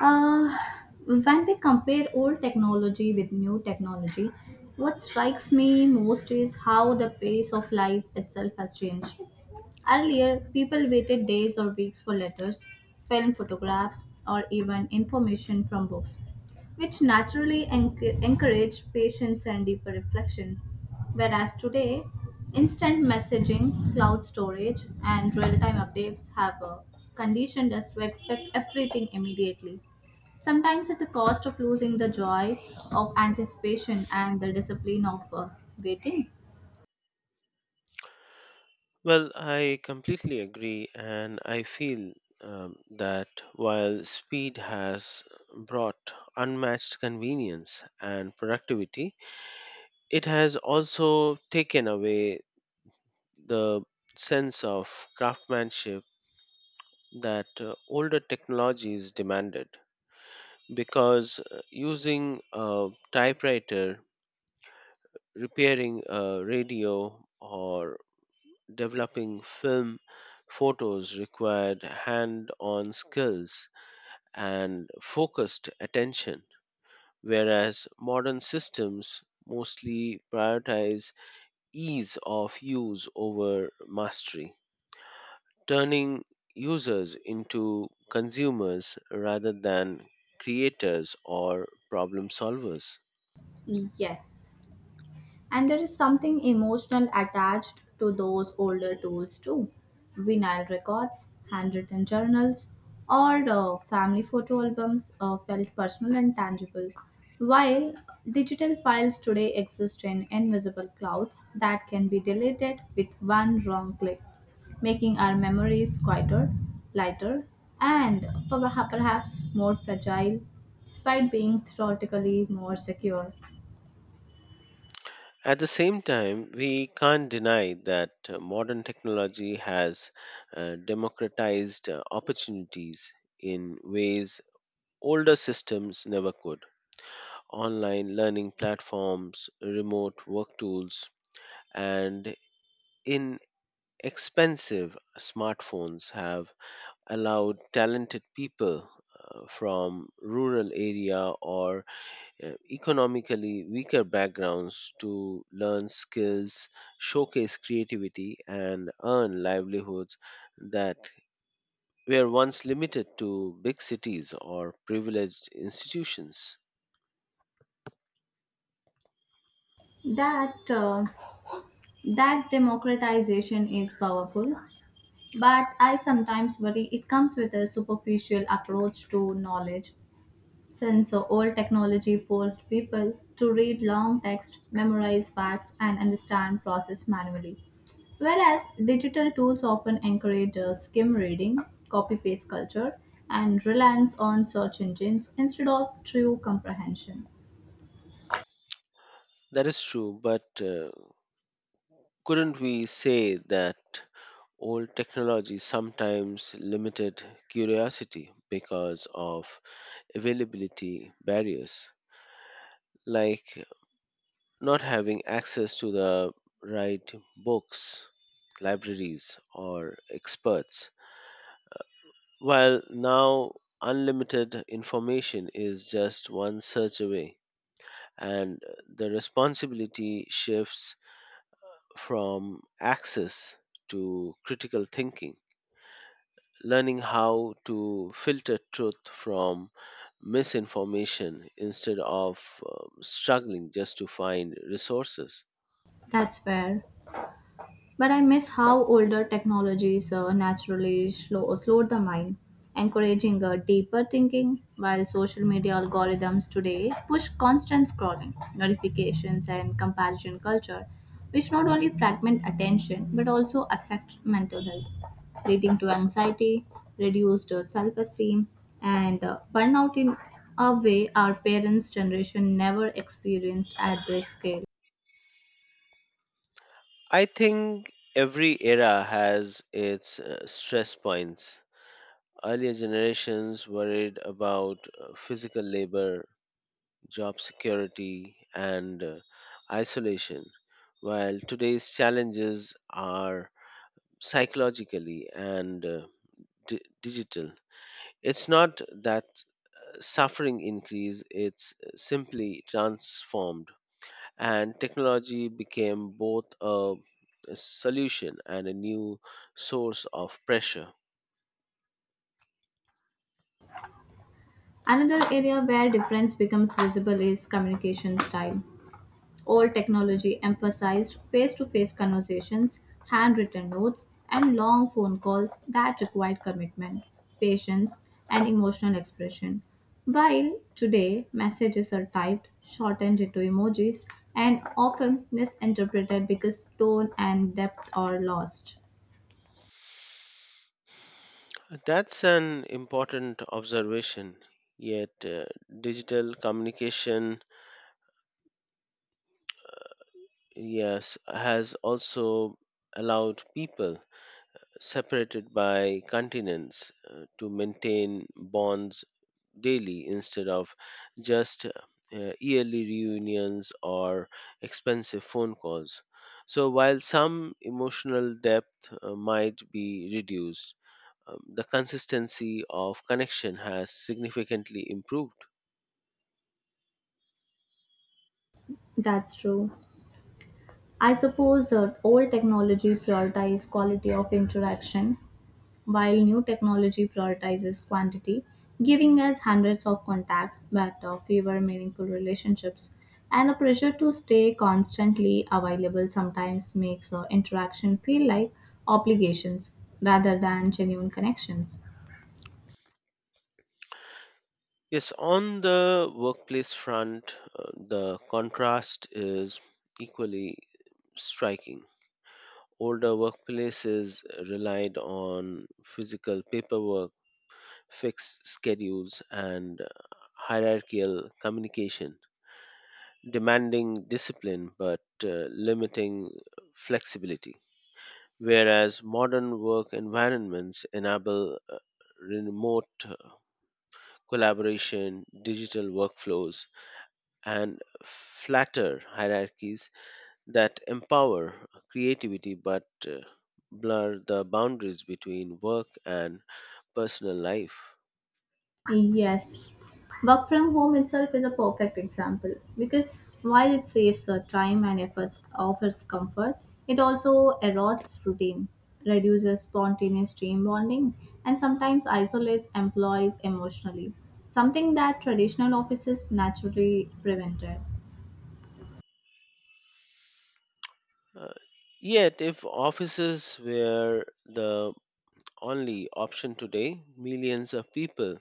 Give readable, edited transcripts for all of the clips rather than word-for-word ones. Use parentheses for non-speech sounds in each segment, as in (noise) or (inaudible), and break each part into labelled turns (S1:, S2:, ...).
S1: Uh, when we compare old technology with new technology, what strikes me most is how the pace of life itself has changed. Earlier, people waited days or weeks for letters, film photographs, or even information from books, which naturally encouraged patience and deeper reflection. Whereas today, instant messaging, cloud storage, and real time updates have conditioned us to expect everything immediately, sometimes at the cost of losing the joy of anticipation and the discipline of waiting.
S2: Well, I completely agree, and I feel that while speed has brought unmatched convenience and productivity, it has also taken away the sense of craftsmanship that older technologies demanded. Because using a typewriter, repairing a radio, or developing film photos required hand on skills and focused attention, whereas modern systems mostly prioritize ease of use over mastery, turning users into consumers rather than creators or problem solvers.
S1: Yes. And there is something emotional attached to those older tools too, vinyl records, handwritten journals, or family photo albums felt personal and tangible. While digital files today exist in invisible clouds that can be deleted with one wrong click, making our memories quieter, lighter, and perhaps more fragile, despite being theoretically more secure.
S2: At the same time, we can't deny that modern technology has democratized opportunities in ways older systems never could. Online learning platforms, remote work tools, and inexpensive smartphones have allowed talented people from rural area or economically weaker backgrounds to learn skills, showcase creativity, and earn livelihoods that were once limited to big cities or privileged institutions.
S1: That uh, That democratization is powerful, but I sometimes worry it comes with a superficial approach to knowledge, since old technology forced people to read long text, memorize facts, and understand process manually. Whereas digital tools often encourage skim reading, copy paste culture, and reliance on search engines instead of true comprehension.
S2: That is true, but couldn't we say that old technology sometimes limited curiosity because of availability barriers? Like not having access to the right books, libraries, or experts. While now unlimited information is just one search away, and the responsibility shifts from access to critical thinking, learning how to filter truth from misinformation instead of struggling just to find resources.
S1: That's fair. But I miss how older technologies slowed the mind, encouraging deeper thinking, while social media algorithms today push constant scrolling, notifications, and comparison culture, which not only fragment attention but also affect mental health, leading to anxiety, reduced self esteem, and burnout in a way our parents' generation never experienced at this scale.
S2: I think every era has its stress points. Earlier generations worried about physical labor, job security, and isolation, while today's challenges are psychologically and digital. It's not that suffering increase, it's simply transformed. And technology became both a solution and a new source of pressure.
S1: Another area where difference becomes visible is communication style. Old technology emphasized face to face conversations, handwritten notes, and long phone calls that required commitment, patience, and emotional expression. While today messages are typed, shortened into emojis, and often misinterpreted because tone and depth are lost.
S2: That's an important observation. Yet, digital communication, yes, has also allowed people separated by continents to maintain bonds daily instead of just yearly reunions or expensive phone calls. So, while some emotional depth might be reduced, the consistency of connection has significantly improved.
S1: That's true. I suppose old technology prioritizes quality of interaction, while new technology prioritizes quantity, giving us hundreds of contacts but fewer meaningful relationships. And a pressure to stay constantly available sometimes makes interaction feel like obligations rather than genuine connections.
S2: Yes, on the workplace front, the contrast is equally striking. Older workplaces relied on physical paperwork, fixed schedules, and hierarchical communication, demanding discipline but limiting flexibility. Whereas modern work environments enable remote collaboration, digital workflows, and flatter hierarchies that empower creativity but blur the boundaries between work and personal life.
S1: Yes. Work from home itself is a perfect example because while it saves time and efforts, offers comfort, it also erodes routine, reduces spontaneous team bonding, and sometimes isolates employees emotionally, something that traditional offices naturally prevented.
S2: Uh, yet, if offices were the only option today, millions of people,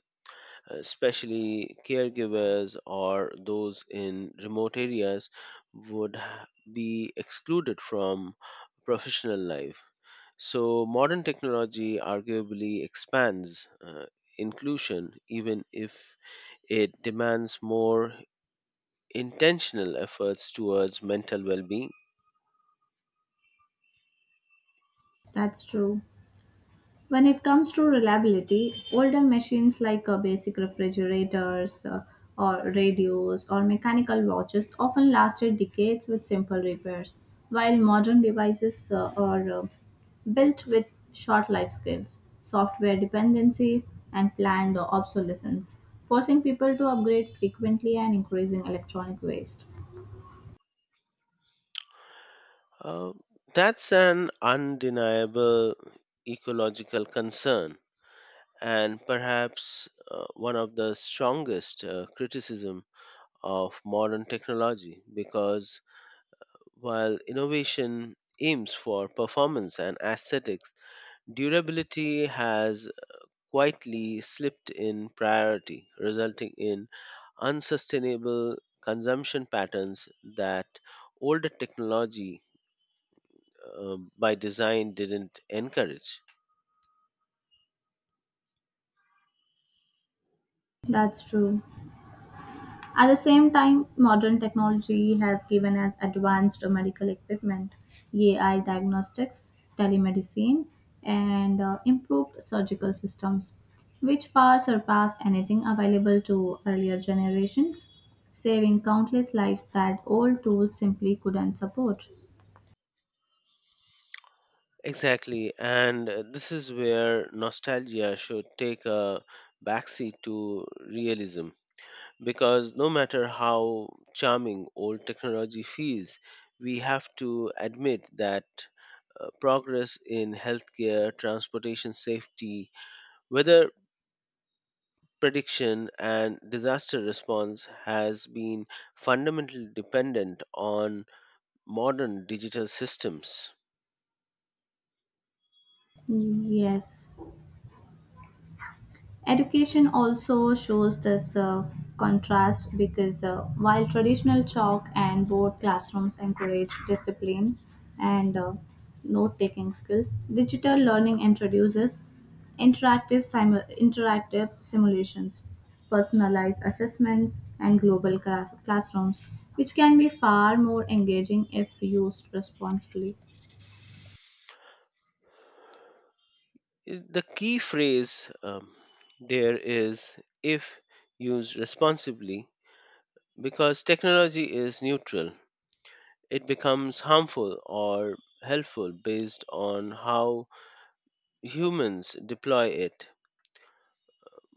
S2: especially caregivers or those in remote areas, would be excluded from professional life. So, modern technology arguably expands inclusion, even if it demands more intentional efforts towards mental well being.
S1: That's true. When it comes to reliability, older machines like basic refrigerators or radios or mechanical watches often lasted decades with simple repairs, while modern devices are built with short life scales, software dependencies, and planned obsolescence, forcing people to upgrade frequently and increasing electronic waste.
S2: Uh, that's an undeniable ecological concern and perhaps one of the strongest criticism of modern technology because while innovation aims for performance and aesthetics, durability has quietly slipped in priority, resulting in unsustainable consumption patterns that older technology by design didn't encourage.
S1: That's true. At the same time, modern technology has given us advanced medical equipment, AI diagnostics, telemedicine, and improved surgical systems, which far surpass anything available to earlier generations, saving countless lives that old tools simply couldn't support.
S2: Exactly, and this is where nostalgia should take a backseat to realism because no matter how charming old technology feels, we have to admit that progress in healthcare, transportation safety, weather prediction, and disaster response has been fundamentally dependent on modern digital systems.
S1: Yes. Education also shows this contrast because while traditional chalk and board classrooms encourage discipline and note taking skills, digital learning introduces interactive simulations, personalized assessments, and classrooms, which can be far more engaging if used responsibly.
S2: The key phrase there is if used responsibly, because technology is neutral. It becomes harmful or helpful based on how humans deploy it,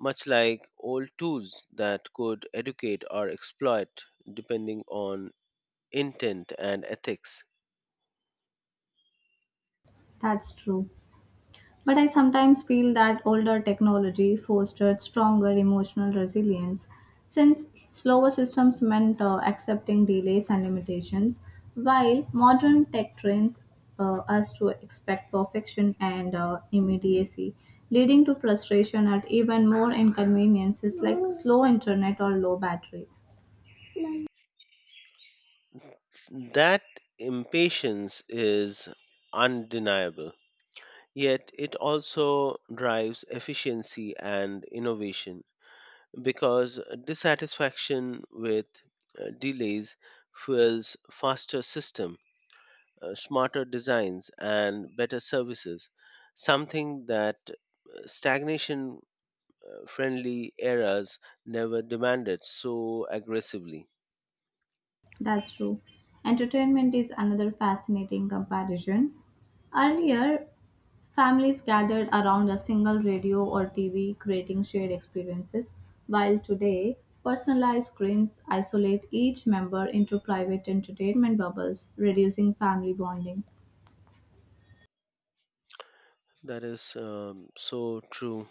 S2: much like old tools that could educate or exploit depending on intent and ethics.
S1: That's true. But I sometimes feel that older technology fostered stronger emotional resilience since slower systems meant accepting delays and limitations, while modern tech trains us to expect perfection and immediacy, leading to frustration at even more inconveniences like slow internet or low battery.
S2: That impatience is undeniable. Yet it also drives efficiency and innovation because dissatisfaction with delays fuels faster system, smarter designs and better services, something that stagnation friendly eras never demanded so aggressively.
S1: That's true. Entertainment is another fascinating comparison. Earlier, families gathered around a single radio or TV, creating shared experiences, while today, personalized screens isolate each member into private entertainment bubbles, reducing family bonding.
S2: That is so true.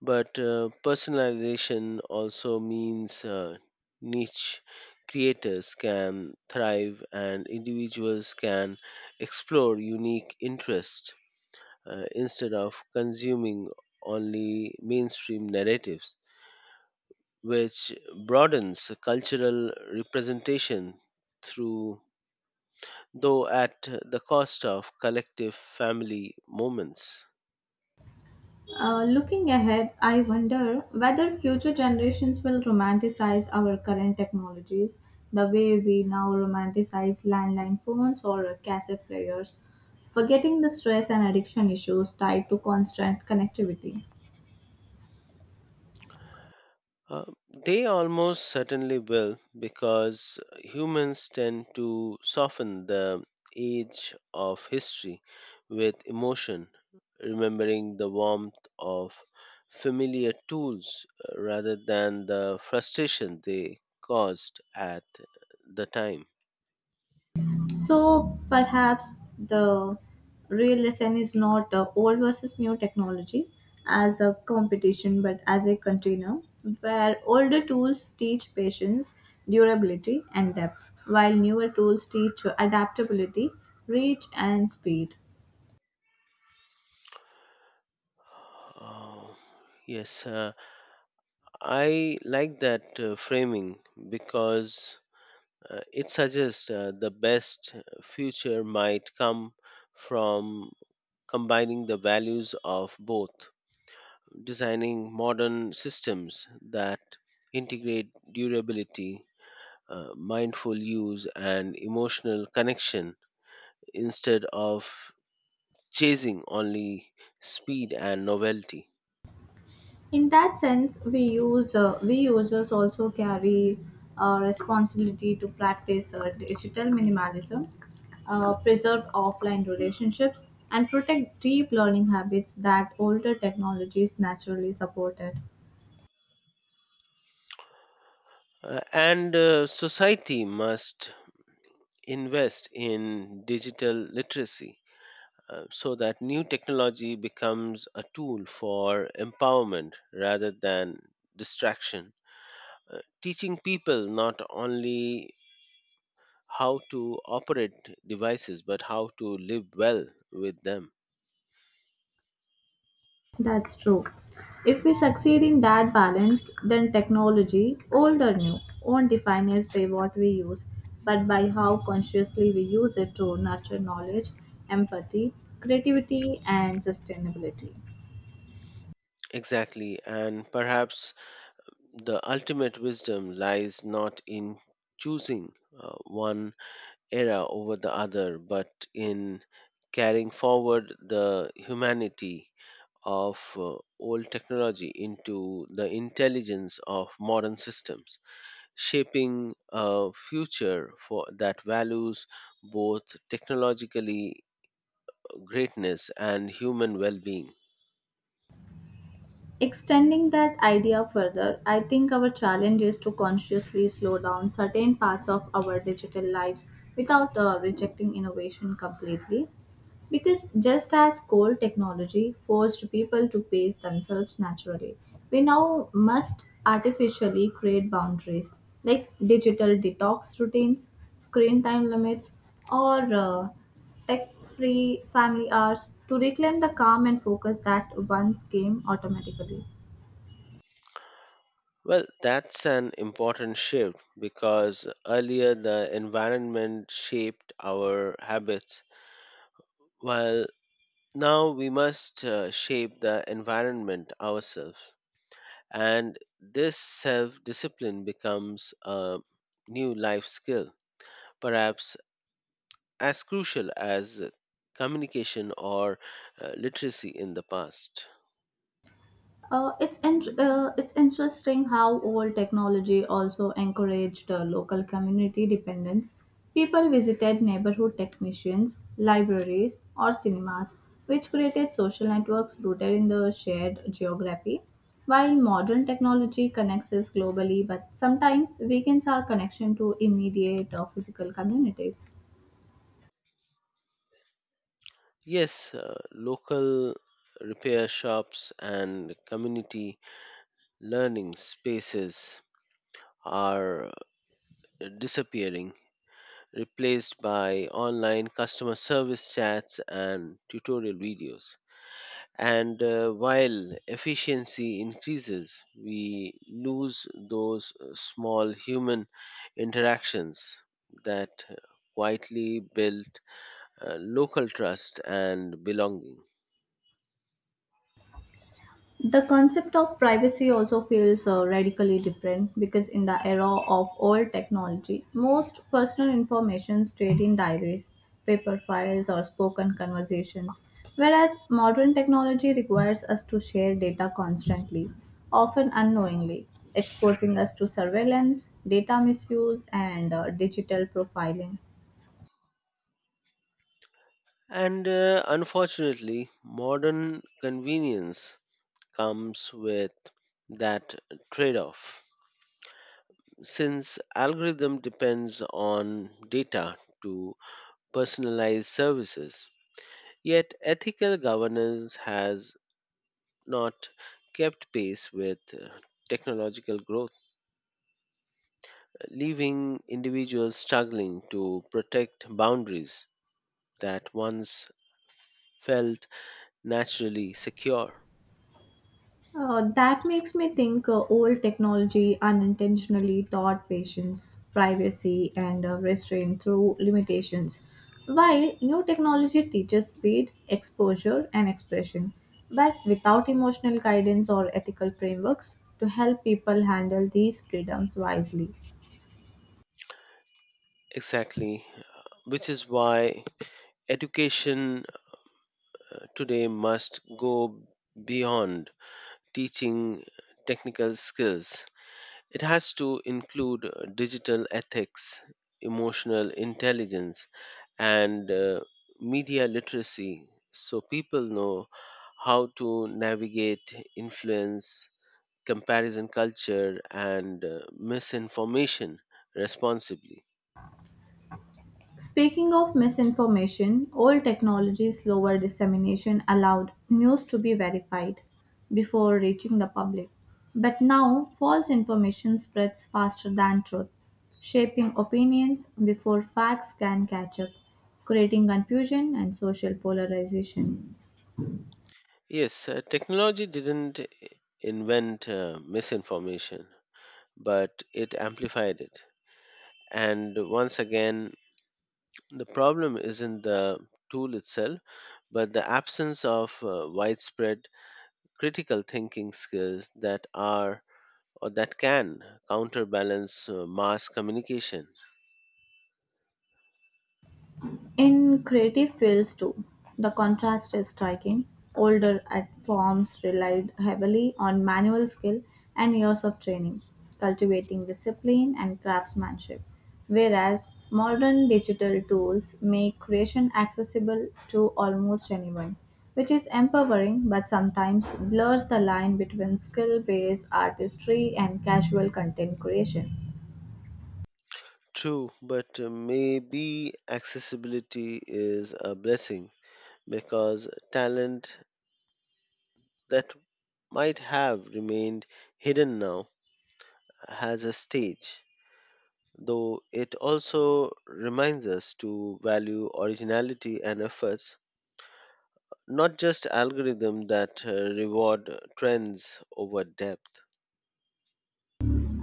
S2: But personalization also means niche creators can thrive and individuals can explore unique interests instead of consuming only mainstream narratives, which broadens cultural representation through though at the cost of collective family moments.
S1: Looking ahead, I wonder whether future generations will romanticize our current technologies the way we now romanticize landline phones or cassette players, forgetting the stress and addiction issues tied to constant connectivity.
S2: Uh, they almost certainly will because humans tend to soften the edge of history with emotion, remembering the warmth of familiar tools rather than the frustration they caused at the time.
S1: So perhaps the real lesson is not old versus new technology as a competition, but as a container where older tools teach patience, durability, and depth, while newer tools teach adaptability, reach, and speed.
S2: Oh, yes, I like that framing because it suggests the best future might come from combining the values of both, designing modern systems that integrate durability, mindful use, and emotional connection instead of chasing only speed and novelty.
S1: In that sense we users also carry a responsibility to practice digital minimalism, preserve offline relationships and protect deep learning habits that older technologies naturally supported.
S2: And society must invest in digital literacy so that new technology becomes a tool for empowerment rather than distraction. Teaching people not only how to operate devices but how to live well with them.
S1: That's true. If we succeed in that balance, then technology, old or new, won't define us by what we use, but by how consciously we use it to nurture knowledge, empathy, creativity, and sustainability.
S2: Exactly, and perhaps the ultimate wisdom lies not in choosing one era over the other, but in carrying forward the humanity of old technology into the intelligence of modern systems, shaping a future for, that values both technologically greatness and human well being.
S1: Extending that idea further, I think our challenge is to consciously slow down certain parts of our digital lives without rejecting innovation completely. Because just as cold technology forced people to pace themselves naturally, we now must artificially create boundaries like digital detox routines, screen time limits, or tech free family hours to reclaim the calm and focus that once came automatically.
S2: Well, that's an important shift because earlier the environment shaped our habits, while now we must shape the environment ourselves. And this self discipline becomes a new life skill, perhaps as crucial as communication or literacy in the past.
S1: It's interesting how old technology also encouraged local community dependence. People visited neighborhood technicians, libraries, or cinemas, which created social networks rooted in the shared geography. While modern technology connects us globally, but sometimes weakens our connection to immediate or physical communities.
S2: Yes, local repair shops and community learning spaces are disappearing, replaced by online customer service chats and tutorial videos. And while efficiency increases, we lose those small human interactions that quietly build local trust and belonging.
S1: The concept of privacy also feels radically different because in the era of old technology, most personal information stayed in diaries, paper files, or spoken conversations, whereas modern technology requires us to share data constantly, often unknowingly, exposing us to surveillance, data misuse, and digital profiling.
S2: And unfortunately, modern convenience comes with that trade off. Since algorithm depends on data to personalize services, yet ethical governance has not kept pace with technological growth, leaving individuals struggling to protect boundaries that once felt naturally secure.
S1: That makes me think old technology unintentionally taught patients privacy and restraint through limitations, while new technology teaches speed, exposure, and expression, but without emotional guidance or ethical frameworks to help people handle these freedoms wisely.
S2: Exactly, which is why education today must go beyond teaching technical skills. It has to include digital ethics, emotional intelligence, and media literacy so people know how to navigate influence, comparison culture, and misinformation responsibly.
S1: Speaking of misinformation, old technologies slower dissemination allowed news to be verified before reaching the public. But now, false information spreads faster than truth, shaping opinions before facts can catch up, creating confusion and social polarization.
S2: Yes, technology didn't invent misinformation, but it amplified it. And once again, the problem isn't the tool itself, but the absence of widespread critical thinking skills that are or that can counterbalance mass communication.
S1: In creative fields too, the contrast is striking. Older art forms relied heavily on manual skill and years of training, cultivating discipline and craftsmanship, whereas modern digital tools make creation accessible to almost anyone, which is empowering but sometimes blurs the line between skill based artistry and casual content creation.
S2: True, but maybe accessibility is a blessing because talent that might have remained hidden now has a stage. Though it also reminds us to value originality and efforts, not just algorithms that reward trends over depth.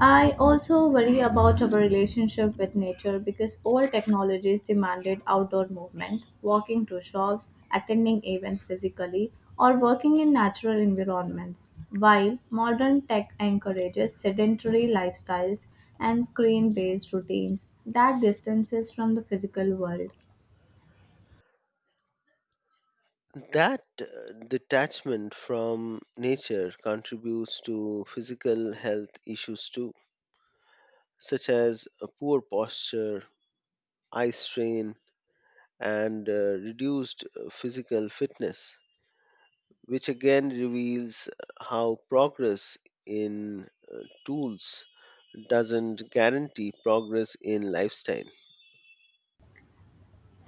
S1: I also worry about our relationship with nature because old technologies demanded outdoor movement, walking to shops, attending events physically, or working in natural environments, while modern tech encourages sedentary lifestyles and screen based routines that distances from the physical world.
S2: That detachment from nature contributes to physical health issues too, such as poor posture, eye strain, and reduced physical fitness, which again reveals how progress in uh, tools doesn't guarantee progress in lifestyle.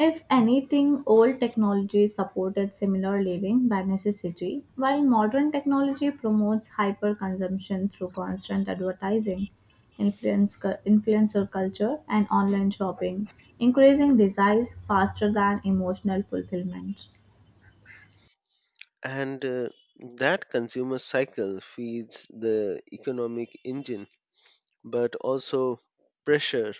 S1: If anything, old technology supported similar living by necessity, while modern technology promotes hyper consumption through constant advertising, influencer culture, and online shopping, increasing desires faster than emotional fulfillment.
S2: And that consumer cycle feeds the economic engine, but also pressure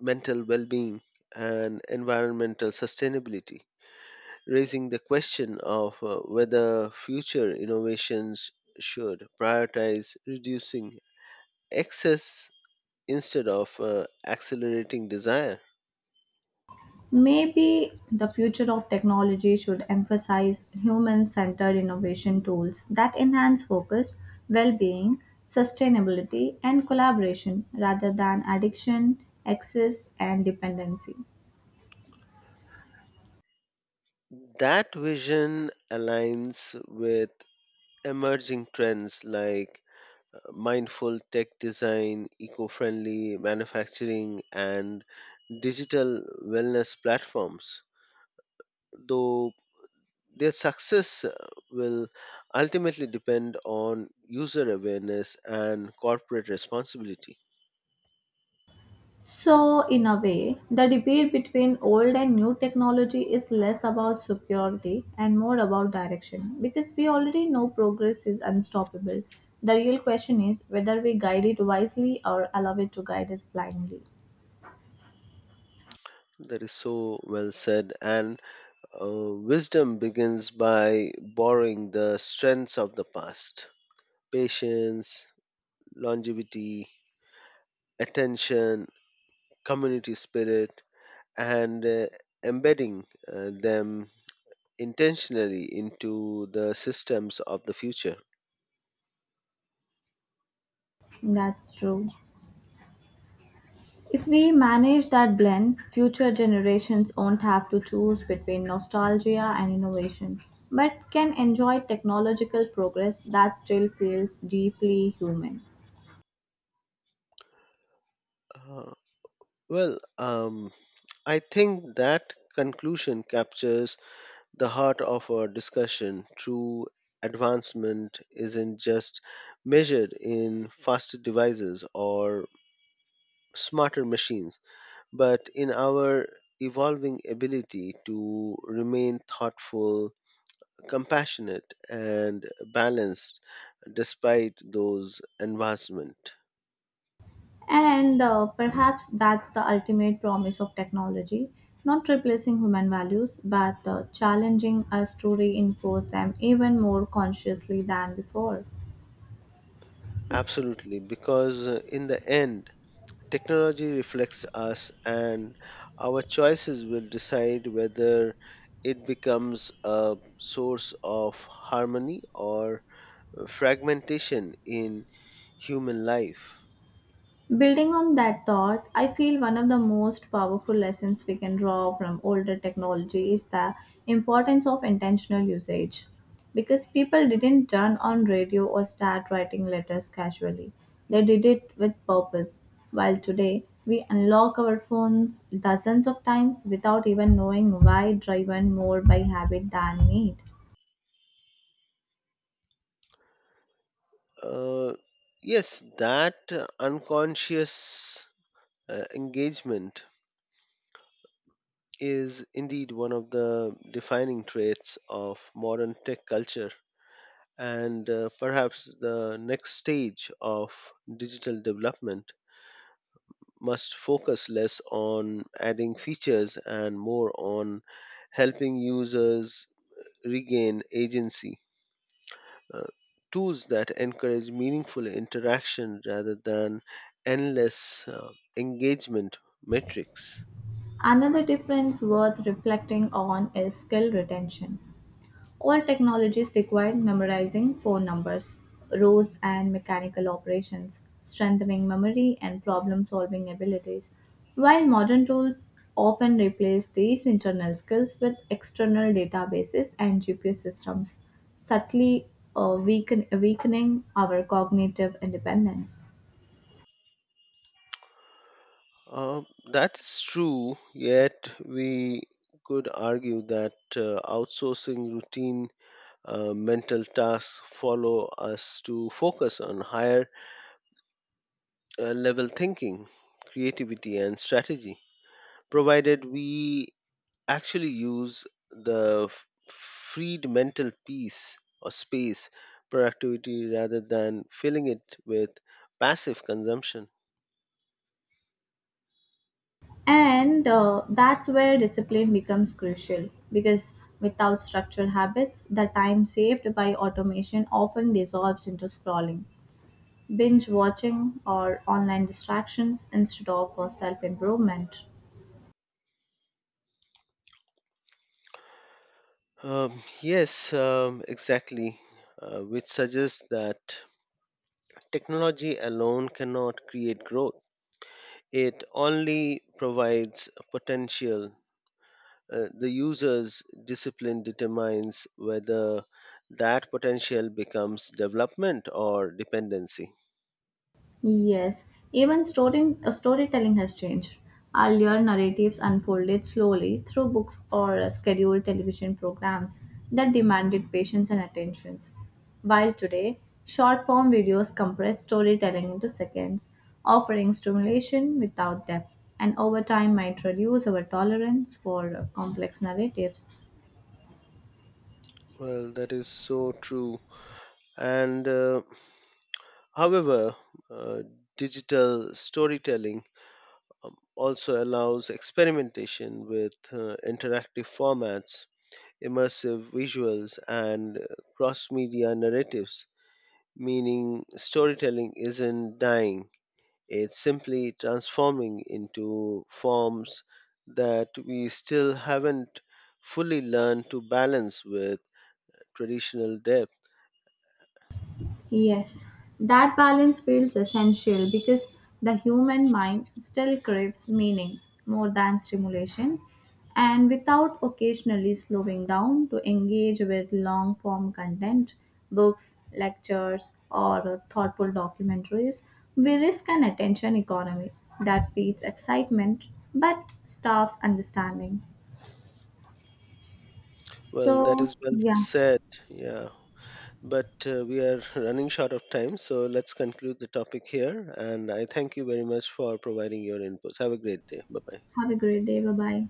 S2: mental well being, and environmental sustainability, raising the question of whether future innovations should prioritize reducing excess instead of accelerating desire.
S1: Maybe the future of technology should emphasize human centered innovation tools that enhance focus, well being, sustainability, and collaboration rather than addiction, excess, and dependency.
S2: That vision aligns with emerging trends like mindful tech design, eco friendly manufacturing, and digital wellness platforms, though their success will ultimately depend on user awareness and corporate responsibility.
S1: So, in a way, the debate between old and new technology is less about superiority and more about direction because we already know progress is unstoppable. The real question is whether we guide it wisely or allow it to guide us blindly.
S2: That is so well said. And wisdom begins by borrowing the strengths of the past, patience, longevity, attention, community spirit, and embedding them intentionally into the systems of the future.
S1: That's true. If we manage that blend, future generations won't have to choose between nostalgia and innovation, but can enjoy technological progress that still feels deeply human.
S2: Uh, well, I think that conclusion captures the heart of our discussion. True advancement isn't just measured in faster devices or smarter machines, but in our evolving ability to remain thoughtful, compassionate, and balanced despite those advancements.
S1: And perhaps that's the ultimate promise of technology, not replacing human values, but challenging us to reinforce them even more consciously than before.
S2: Absolutely, because in the end, technology reflects us, and our choices will decide whether it becomes a source of harmony or fragmentation in human life.
S1: Building on that thought, I feel one of the most powerful lessons we can draw from older technology is the importance of intentional usage. Because people didn't turn on radio or start writing letters casually, they did it with purpose. While today, we unlock our phones dozens of times without even knowing why, driven more by habit than need.
S2: Uh, yes, that unconscious engagement is indeed one of the defining traits of modern tech culture and perhaps the next stage of digital development must focus less on adding features and more on helping users regain agency. Uh, tools that encourage meaningful interaction rather than endless engagement metrics.
S1: Another difference worth reflecting on is skill retention. All technologies required memorizing phone numbers, roads, and mechanical operations, strengthening memory and problem solving abilities, while modern tools often replace these internal skills with external databases and GPS systems, subtly weakening our cognitive independence.
S2: Uh, that's true, yet we could argue that outsourcing routine mental tasks follow us to focus on higher level thinking, creativity, and strategy, provided we actually use the f- freed mental peace or space productivity rather than filling it with passive consumption.
S1: And that's where discipline becomes crucial because without structured habits, the time saved by automation often dissolves into scrolling, binge watching, or online distractions instead of self improvement.
S2: Yes, exactly, which suggests that technology alone cannot create growth. It only provides potential, the user's discipline determines whether that potential becomes development or dependency.
S1: Yes, storytelling has changed. Earlier, narratives unfolded slowly through books or scheduled television programs that demanded patience and attentions. While today, short form videos compress storytelling into seconds, offering stimulation without depth, and over time might reduce our tolerance for complex narratives.
S2: Well, that is so true. And however, uh, digital storytelling also allows experimentation with interactive formats, immersive visuals, and cross media narratives, meaning storytelling isn't dying. It's simply transforming into forms that we still haven't fully learned to balance with traditional depth.
S1: Yes, that balance feels essential because the human mind still craves meaning more than stimulation, and without occasionally slowing down to engage with long form content, books, lectures, or thoughtful documentaries, we risk an attention economy that feeds excitement but starves understanding.
S2: Well, that
S1: So,
S2: is well
S1: yeah,
S2: said. Yeah. But we are (laughs) running short of time, so let's conclude the topic here. And I thank you very much for providing your inputs. Have a great day. Bye bye.
S1: have a great day. Bye bye.